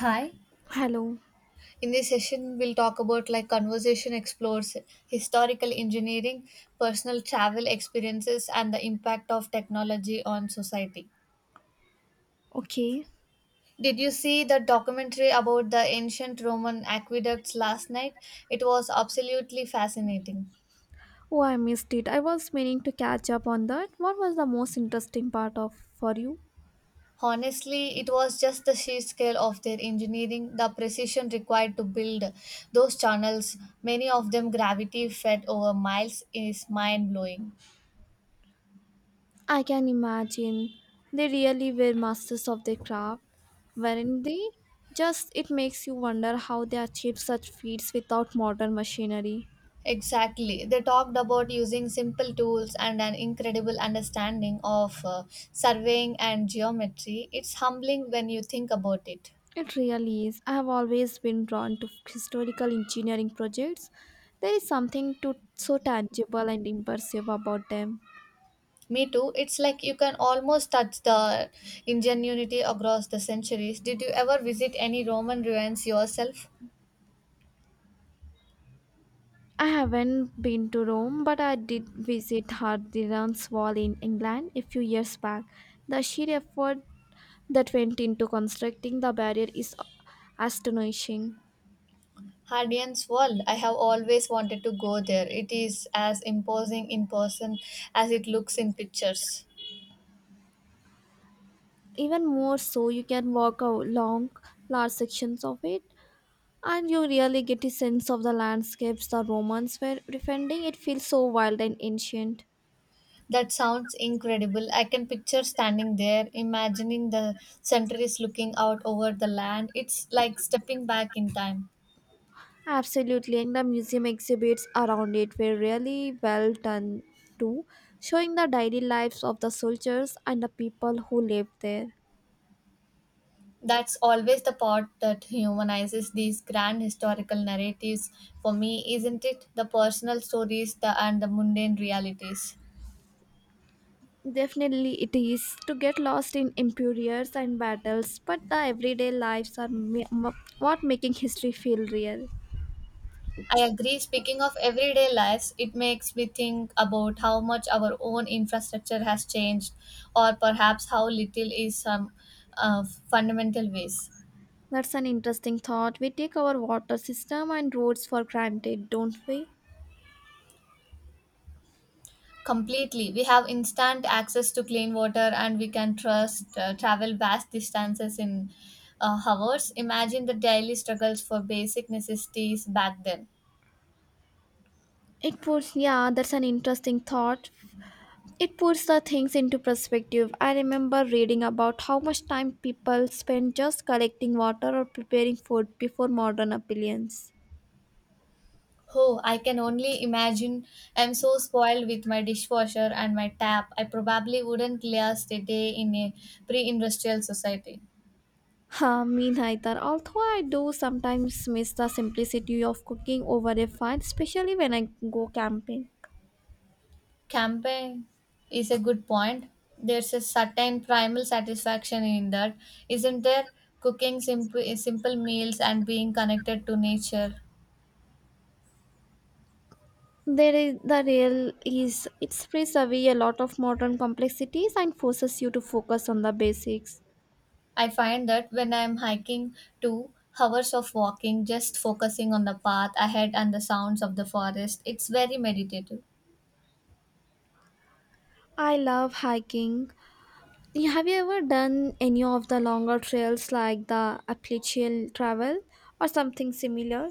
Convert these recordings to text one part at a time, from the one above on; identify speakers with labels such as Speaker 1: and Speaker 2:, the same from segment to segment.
Speaker 1: Hi.
Speaker 2: Hello.
Speaker 1: In this session, we'll talk about like conversation explores historical engineering, personal travel experiences, and the impact of technology on society.
Speaker 2: Okay.
Speaker 1: Did you see the documentary about the ancient Roman aqueducts last night? It was absolutely fascinating.
Speaker 2: Oh, I missed it. I was meaning to catch up on that. What was the most interesting part of for you?
Speaker 1: Honestly, it was just the sheer scale of their engineering, the precision required to build those channels, many of them gravity fed over miles, is mind blowing.
Speaker 2: I can imagine. They really were masters of their craft, weren't they? Just it makes you wonder how they achieved such feats without modern machinery.
Speaker 1: Exactly. They talked about using simple tools and an incredible understanding of surveying and geometry. It's humbling when you think about it.
Speaker 2: It really is. I have always been drawn to historical engineering projects. There is something to so tangible and impressive about them.
Speaker 1: Me too. It's like you can almost touch the ingenuity across the centuries. Did you ever visit any Roman ruins yourself?
Speaker 2: I haven't been to Rome, but I did visit Hadrian's Wall in England a few years back. The sheer effort that went into constructing the barrier is astonishing.
Speaker 1: Hadrian's Wall. I have always wanted to go there. It is as imposing in person as it looks in pictures.
Speaker 2: Even more so, you can walk along large sections of it, and you really get a sense of the landscapes the Romans were defending. It feels so wild and ancient.
Speaker 1: That sounds incredible. I can picture standing there, imagining the centuries looking out over the land. It's like stepping back in time.
Speaker 2: Absolutely, and the museum exhibits around it were really well done too, showing the daily lives of the soldiers and the people who lived there.
Speaker 1: That's always the part that humanizes these grand historical narratives for me, isn't it? The personal stories and the mundane realities.
Speaker 2: Definitely, it is to get lost in empires and battles, but the everyday lives are what making history feel real.
Speaker 1: I agree. Speaking of everyday lives, it makes me think about how much our own infrastructure has changed, or perhaps how little is some uh, fundamental ways.
Speaker 2: That's an interesting thought. We take our water system and roads for granted, don't we?
Speaker 1: Completely. We have instant access to clean water and we can trust travel vast distances in hours. Imagine the daily struggles for basic necessities back then.
Speaker 2: It puts, yeah, that's an interesting thought. It puts the things into perspective. I remember reading about how much time people spend just collecting water or preparing food before modern appliances.
Speaker 1: Oh, I can only imagine. I'm so spoiled with my dishwasher and my tap. I probably wouldn't last a day in a pre industrial society.
Speaker 2: Ha, me neither. Although I do sometimes miss the simplicity of cooking over a fire, especially when I go camping.
Speaker 1: Camping is a good point. There's a certain primal satisfaction in that, isn't there? Cooking simple meals and being connected to nature.
Speaker 2: There is the real is it strips away a lot of modern complexities and forces you to focus on the basics.
Speaker 1: I find that when I'm hiking, 2 hours of walking, just focusing on the path ahead and the sounds of the forest, it's very meditative.
Speaker 2: I love hiking, yeah. Have you ever done any of the longer trails like the Appalachian Travel or something similar?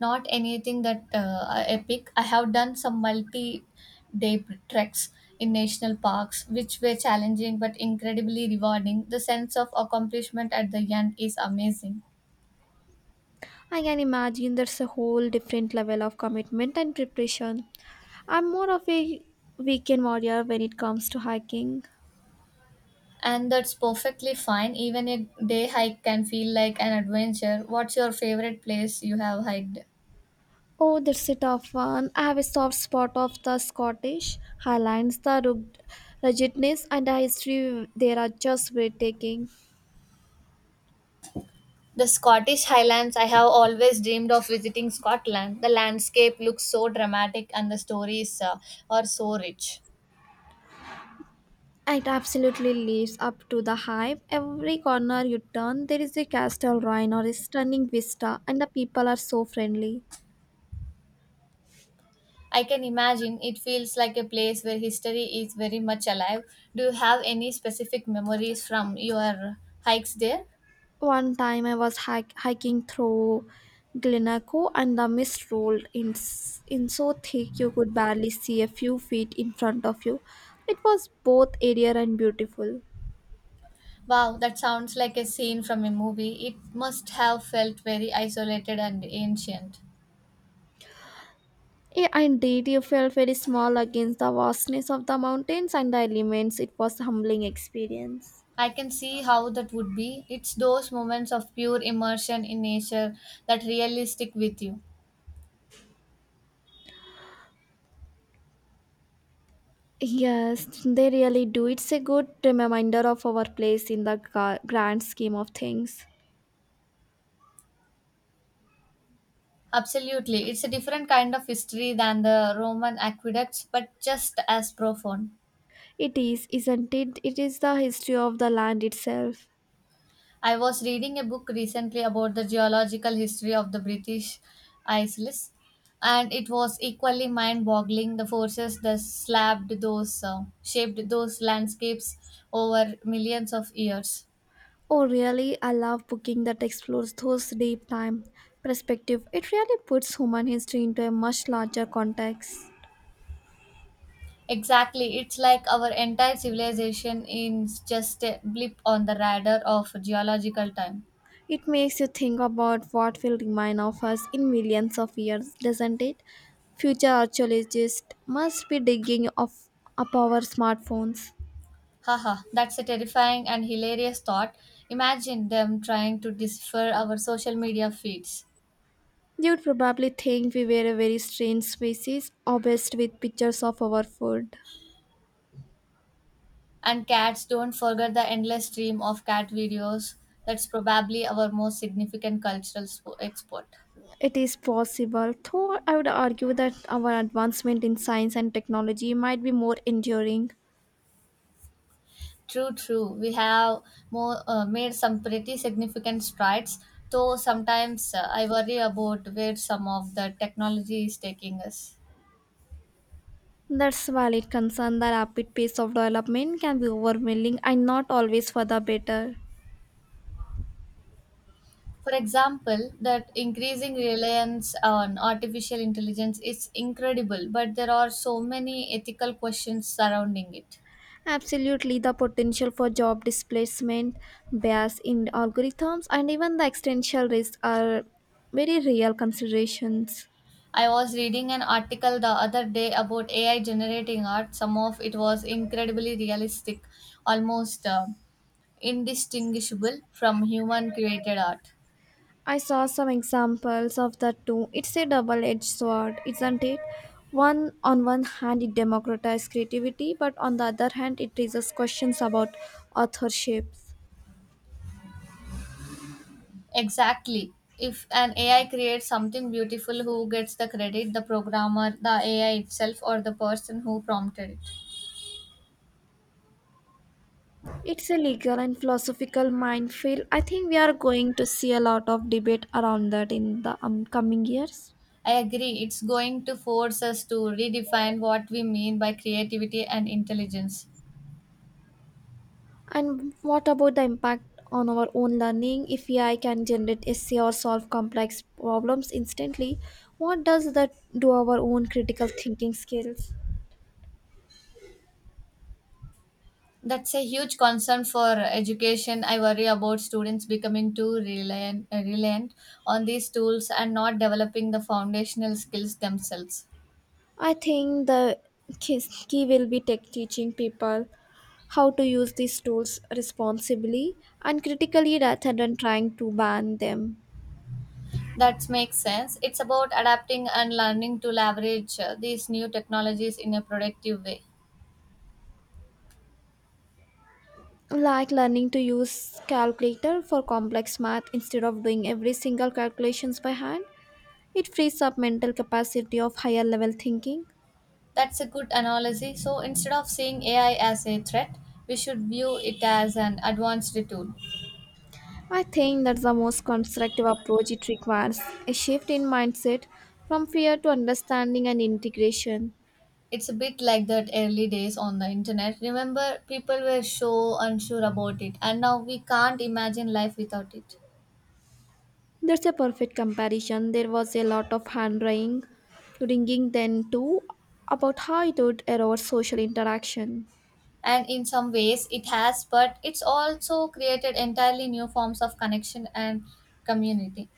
Speaker 1: Not anything that epic. I have done some multi day treks in national parks, which were challenging but incredibly rewarding. The sense of accomplishment at the end is amazing.
Speaker 2: I can imagine there's a whole different level of commitment and preparation. I'm more of a weekend warrior when it comes to hiking.
Speaker 1: And that's perfectly fine. Even a day hike can feel like an adventure. What's your favorite place you have hiked?
Speaker 2: Oh, that's a tough one. I have a soft spot of the Scottish Highlands, the ruggedness and the history there are just breathtaking.
Speaker 1: The Scottish Highlands, I have always dreamed of visiting Scotland. The landscape looks so dramatic and the stories are so rich.
Speaker 2: It absolutely lives up to the hype. Every corner you turn, there is a castle ruin or a stunning vista, and the people are so friendly.
Speaker 1: I can imagine it feels like a place where history is very much alive. Do you have any specific memories from your hikes there?
Speaker 2: One time I was hiking through Glenaco, and the mist rolled in, in so thick you could barely see a few feet in front of you. It was both aerial and beautiful.
Speaker 1: Wow, that sounds like a scene from a movie. It must have felt very isolated and ancient.
Speaker 2: Yeah, indeed, you felt very small against the vastness of the mountains and the elements. It was a humbling experience.
Speaker 1: I can see how that would be. It's those moments of pure immersion in nature that really stick with you.
Speaker 2: Yes, they really do. It's a good reminder of our place in the grand scheme of things.
Speaker 1: Absolutely. It's a different kind of history than the Roman aqueducts, but just as profound.
Speaker 2: It is, isn't it? It is the history of the land itself.
Speaker 1: I was reading a book recently about the geological history of the British Isles, and it was equally mind-boggling the forces that slapped those shaped those landscapes over millions of years.
Speaker 2: Oh, really? I love booking that explores those deep time perspective. It really puts human history into a much larger context.
Speaker 1: Exactly, it's like our entire civilization is just a blip on the radar of geological time.
Speaker 2: It makes you think about what will remain of us in millions of years, doesn't it? Future archaeologists must be digging off up our smartphones.
Speaker 1: Haha, that's a terrifying and hilarious thought. Imagine them trying to decipher our social media feeds.
Speaker 2: They would probably think we were a very strange species, obsessed with pictures of our food.
Speaker 1: And cats don't forget the endless stream of cat videos. That's probably our most significant cultural export.
Speaker 2: It is possible, though I would argue that our advancement in science and technology might be more enduring.
Speaker 1: True, true. We have made some pretty significant strides, though sometimes I worry about where some of the technology is taking us.
Speaker 2: That's a valid concern that rapid pace of development can be overwhelming and not always for the better.
Speaker 1: For example, that increasing reliance on artificial intelligence is incredible, but there are so many ethical questions surrounding it.
Speaker 2: Absolutely, the potential for job displacement, bias in algorithms, and even the existential risk are very real considerations.
Speaker 1: I was reading an article the other day about AI generating art. Some of it was incredibly realistic, almost indistinguishable from human created art.
Speaker 2: I saw some examples of that too. It's a double edged sword, isn't it? One on one hand it democratizes creativity, but on the other hand it raises questions about authorships.
Speaker 1: Exactly. If an AI creates something beautiful, who gets the credit? The programmer, the AI itself, or the person who prompted it?
Speaker 2: It's a legal and philosophical minefield. I think we are going to see a lot of debate around that in the coming years.
Speaker 1: I agree. It's going to force us to redefine what we mean by creativity and intelligence.
Speaker 2: And what about the impact on our own learning? If AI can generate essay or solve complex problems instantly, what does that do our own critical thinking skills?
Speaker 1: That's a huge concern for education. I worry about students becoming too reliant on these tools and not developing the foundational skills themselves.
Speaker 2: I think the key will be tech teaching people how to use these tools responsibly and critically rather than trying to ban them.
Speaker 1: That makes sense. It's about adapting and learning to leverage these new technologies in a productive way.
Speaker 2: Like learning to use calculator for complex math instead of doing every single calculations by hand, it frees up mental capacity of higher level thinking.
Speaker 1: That's a good analogy. So instead of seeing AI as a threat, we should view it as an advanced tool.
Speaker 2: I think that's the most constructive approach it requires a shift in mindset from fear to understanding and integration.
Speaker 1: It's a bit like that early days on the internet. Remember, people were so unsure about it, and now we can't imagine life without it.
Speaker 2: That's a perfect comparison. There was a lot of hand wringing then too about how it would erode social interaction.
Speaker 1: And in some ways, it has, but it's also created entirely new forms of connection and community.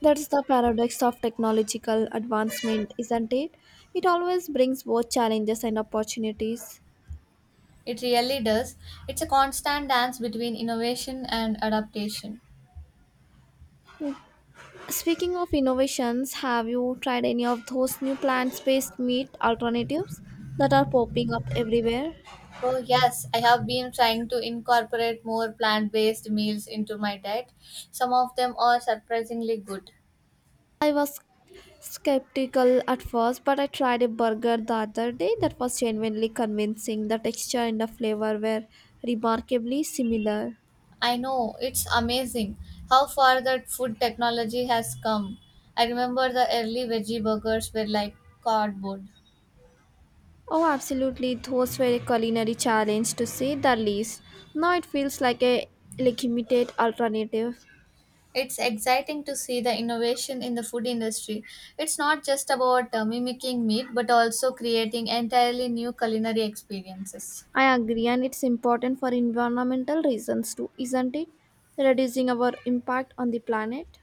Speaker 2: That's the paradox of technological advancement, isn't it? It always brings both challenges and opportunities.
Speaker 1: It really does. It's a constant dance between innovation and adaptation.
Speaker 2: Speaking of innovations, have you tried any of those new plant based meat alternatives that are popping up everywhere?
Speaker 1: Oh, yes, I have been trying to incorporate more plant based meals into my diet. Some of them are surprisingly good.
Speaker 2: I was skeptical at first, but I tried a burger the other day that was genuinely convincing. The texture and the flavor were remarkably similar.
Speaker 1: I know, it's amazing how far that food technology has come. I remember the early veggie burgers were like cardboard.
Speaker 2: Oh, absolutely. Those were a culinary challenge to say the least. Now it feels like a legitimate alternative.
Speaker 1: It's exciting to see the innovation in the food industry. It's not just about mimicking meat, but also creating entirely new culinary experiences.
Speaker 2: I agree, and it's important for environmental reasons too, isn't it? Reducing our impact on the planet.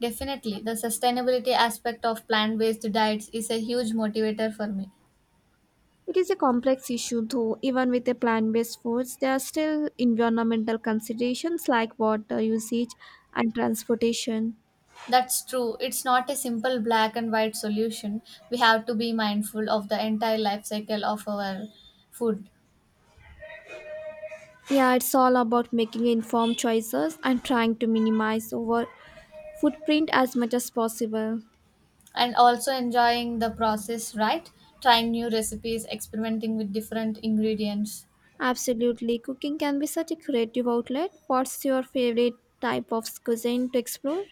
Speaker 1: Definitely, the sustainability aspect of plant based diets is a huge motivator for me.
Speaker 2: It is a complex issue, though. Even with a plant based foods, there are still environmental considerations like water usage and transportation.
Speaker 1: That's true. It's not a simple black and white solution. We have to be mindful of the entire life cycle of our food,
Speaker 2: Yeah, it's all about making informed choices and trying to minimize our footprint as much as possible.
Speaker 1: and also enjoying the process, right? Trying new recipes, experimenting with different ingredients.
Speaker 2: Absolutely, cooking can be such a creative outlet. What's your favorite type of cuisine to explore?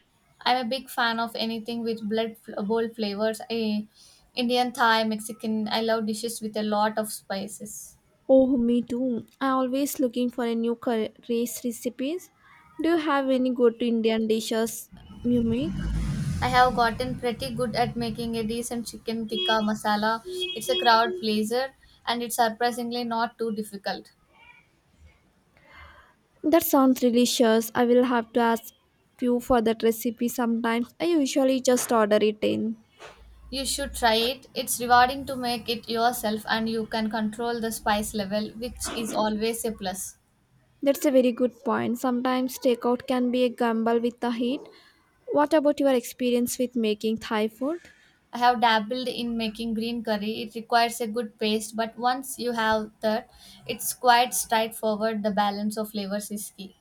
Speaker 1: I'm a big fan of anything with bold flavors. Indian, Thai, Mexican. I love dishes with a lot of spices.
Speaker 2: Oh, me too. I always looking for a new curry recipes. Do you have any good Indian dishes you make?
Speaker 1: I have gotten pretty good at making a decent chicken tikka masala. It's a crowd pleaser and it's surprisingly not too difficult.
Speaker 2: That sounds delicious. I will have to ask you for that recipe sometimes. I usually just order it in.
Speaker 1: You should try it. It's rewarding to make it yourself and you can control the spice level, which is always a plus.
Speaker 2: That's a very good point. Sometimes takeout can be a gamble with the heat. What about your experience with making Thai food?
Speaker 1: I have dabbled in making green curry. It requires a good paste, but once you have that, it's quite straightforward. The balance of flavors is key.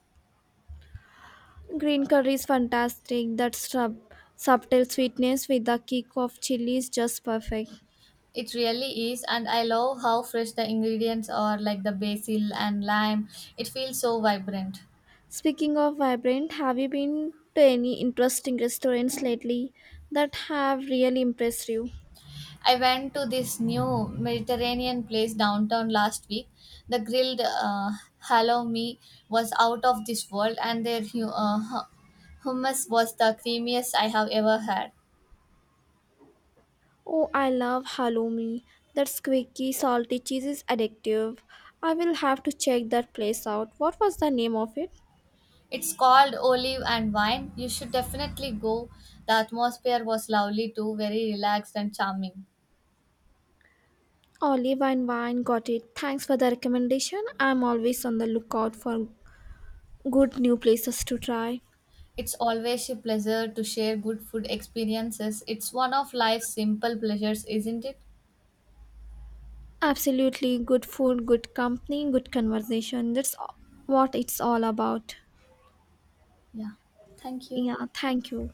Speaker 2: Green curry is fantastic. That subtle sweetness with the kick of chili is just perfect.
Speaker 1: It really is, and I love how fresh the ingredients are like the basil and lime. It feels so vibrant.
Speaker 2: Speaking of vibrant, have you been to any interesting restaurants lately that have really impressed you?
Speaker 1: I went to this new Mediterranean place downtown last week. The grilled halloumi was out of this world, and their hummus was the creamiest I have ever had.
Speaker 2: Oh, I love halloumi. That squeaky, salty cheese is addictive. I will have to check that place out. What was the name of it?
Speaker 1: It's called Olive and Wine. You should definitely go. The atmosphere was lovely too, very relaxed and charming.
Speaker 2: Olive and Wine, got it. Thanks for the recommendation. I'm always on the lookout for good new places to try.
Speaker 1: It's always a pleasure to share good food experiences. It's one of life's simple pleasures, isn't it?
Speaker 2: Absolutely, good food, good company, good conversation. That's what it's all about.
Speaker 1: Yeah. Thank you.
Speaker 2: Yeah, thank you.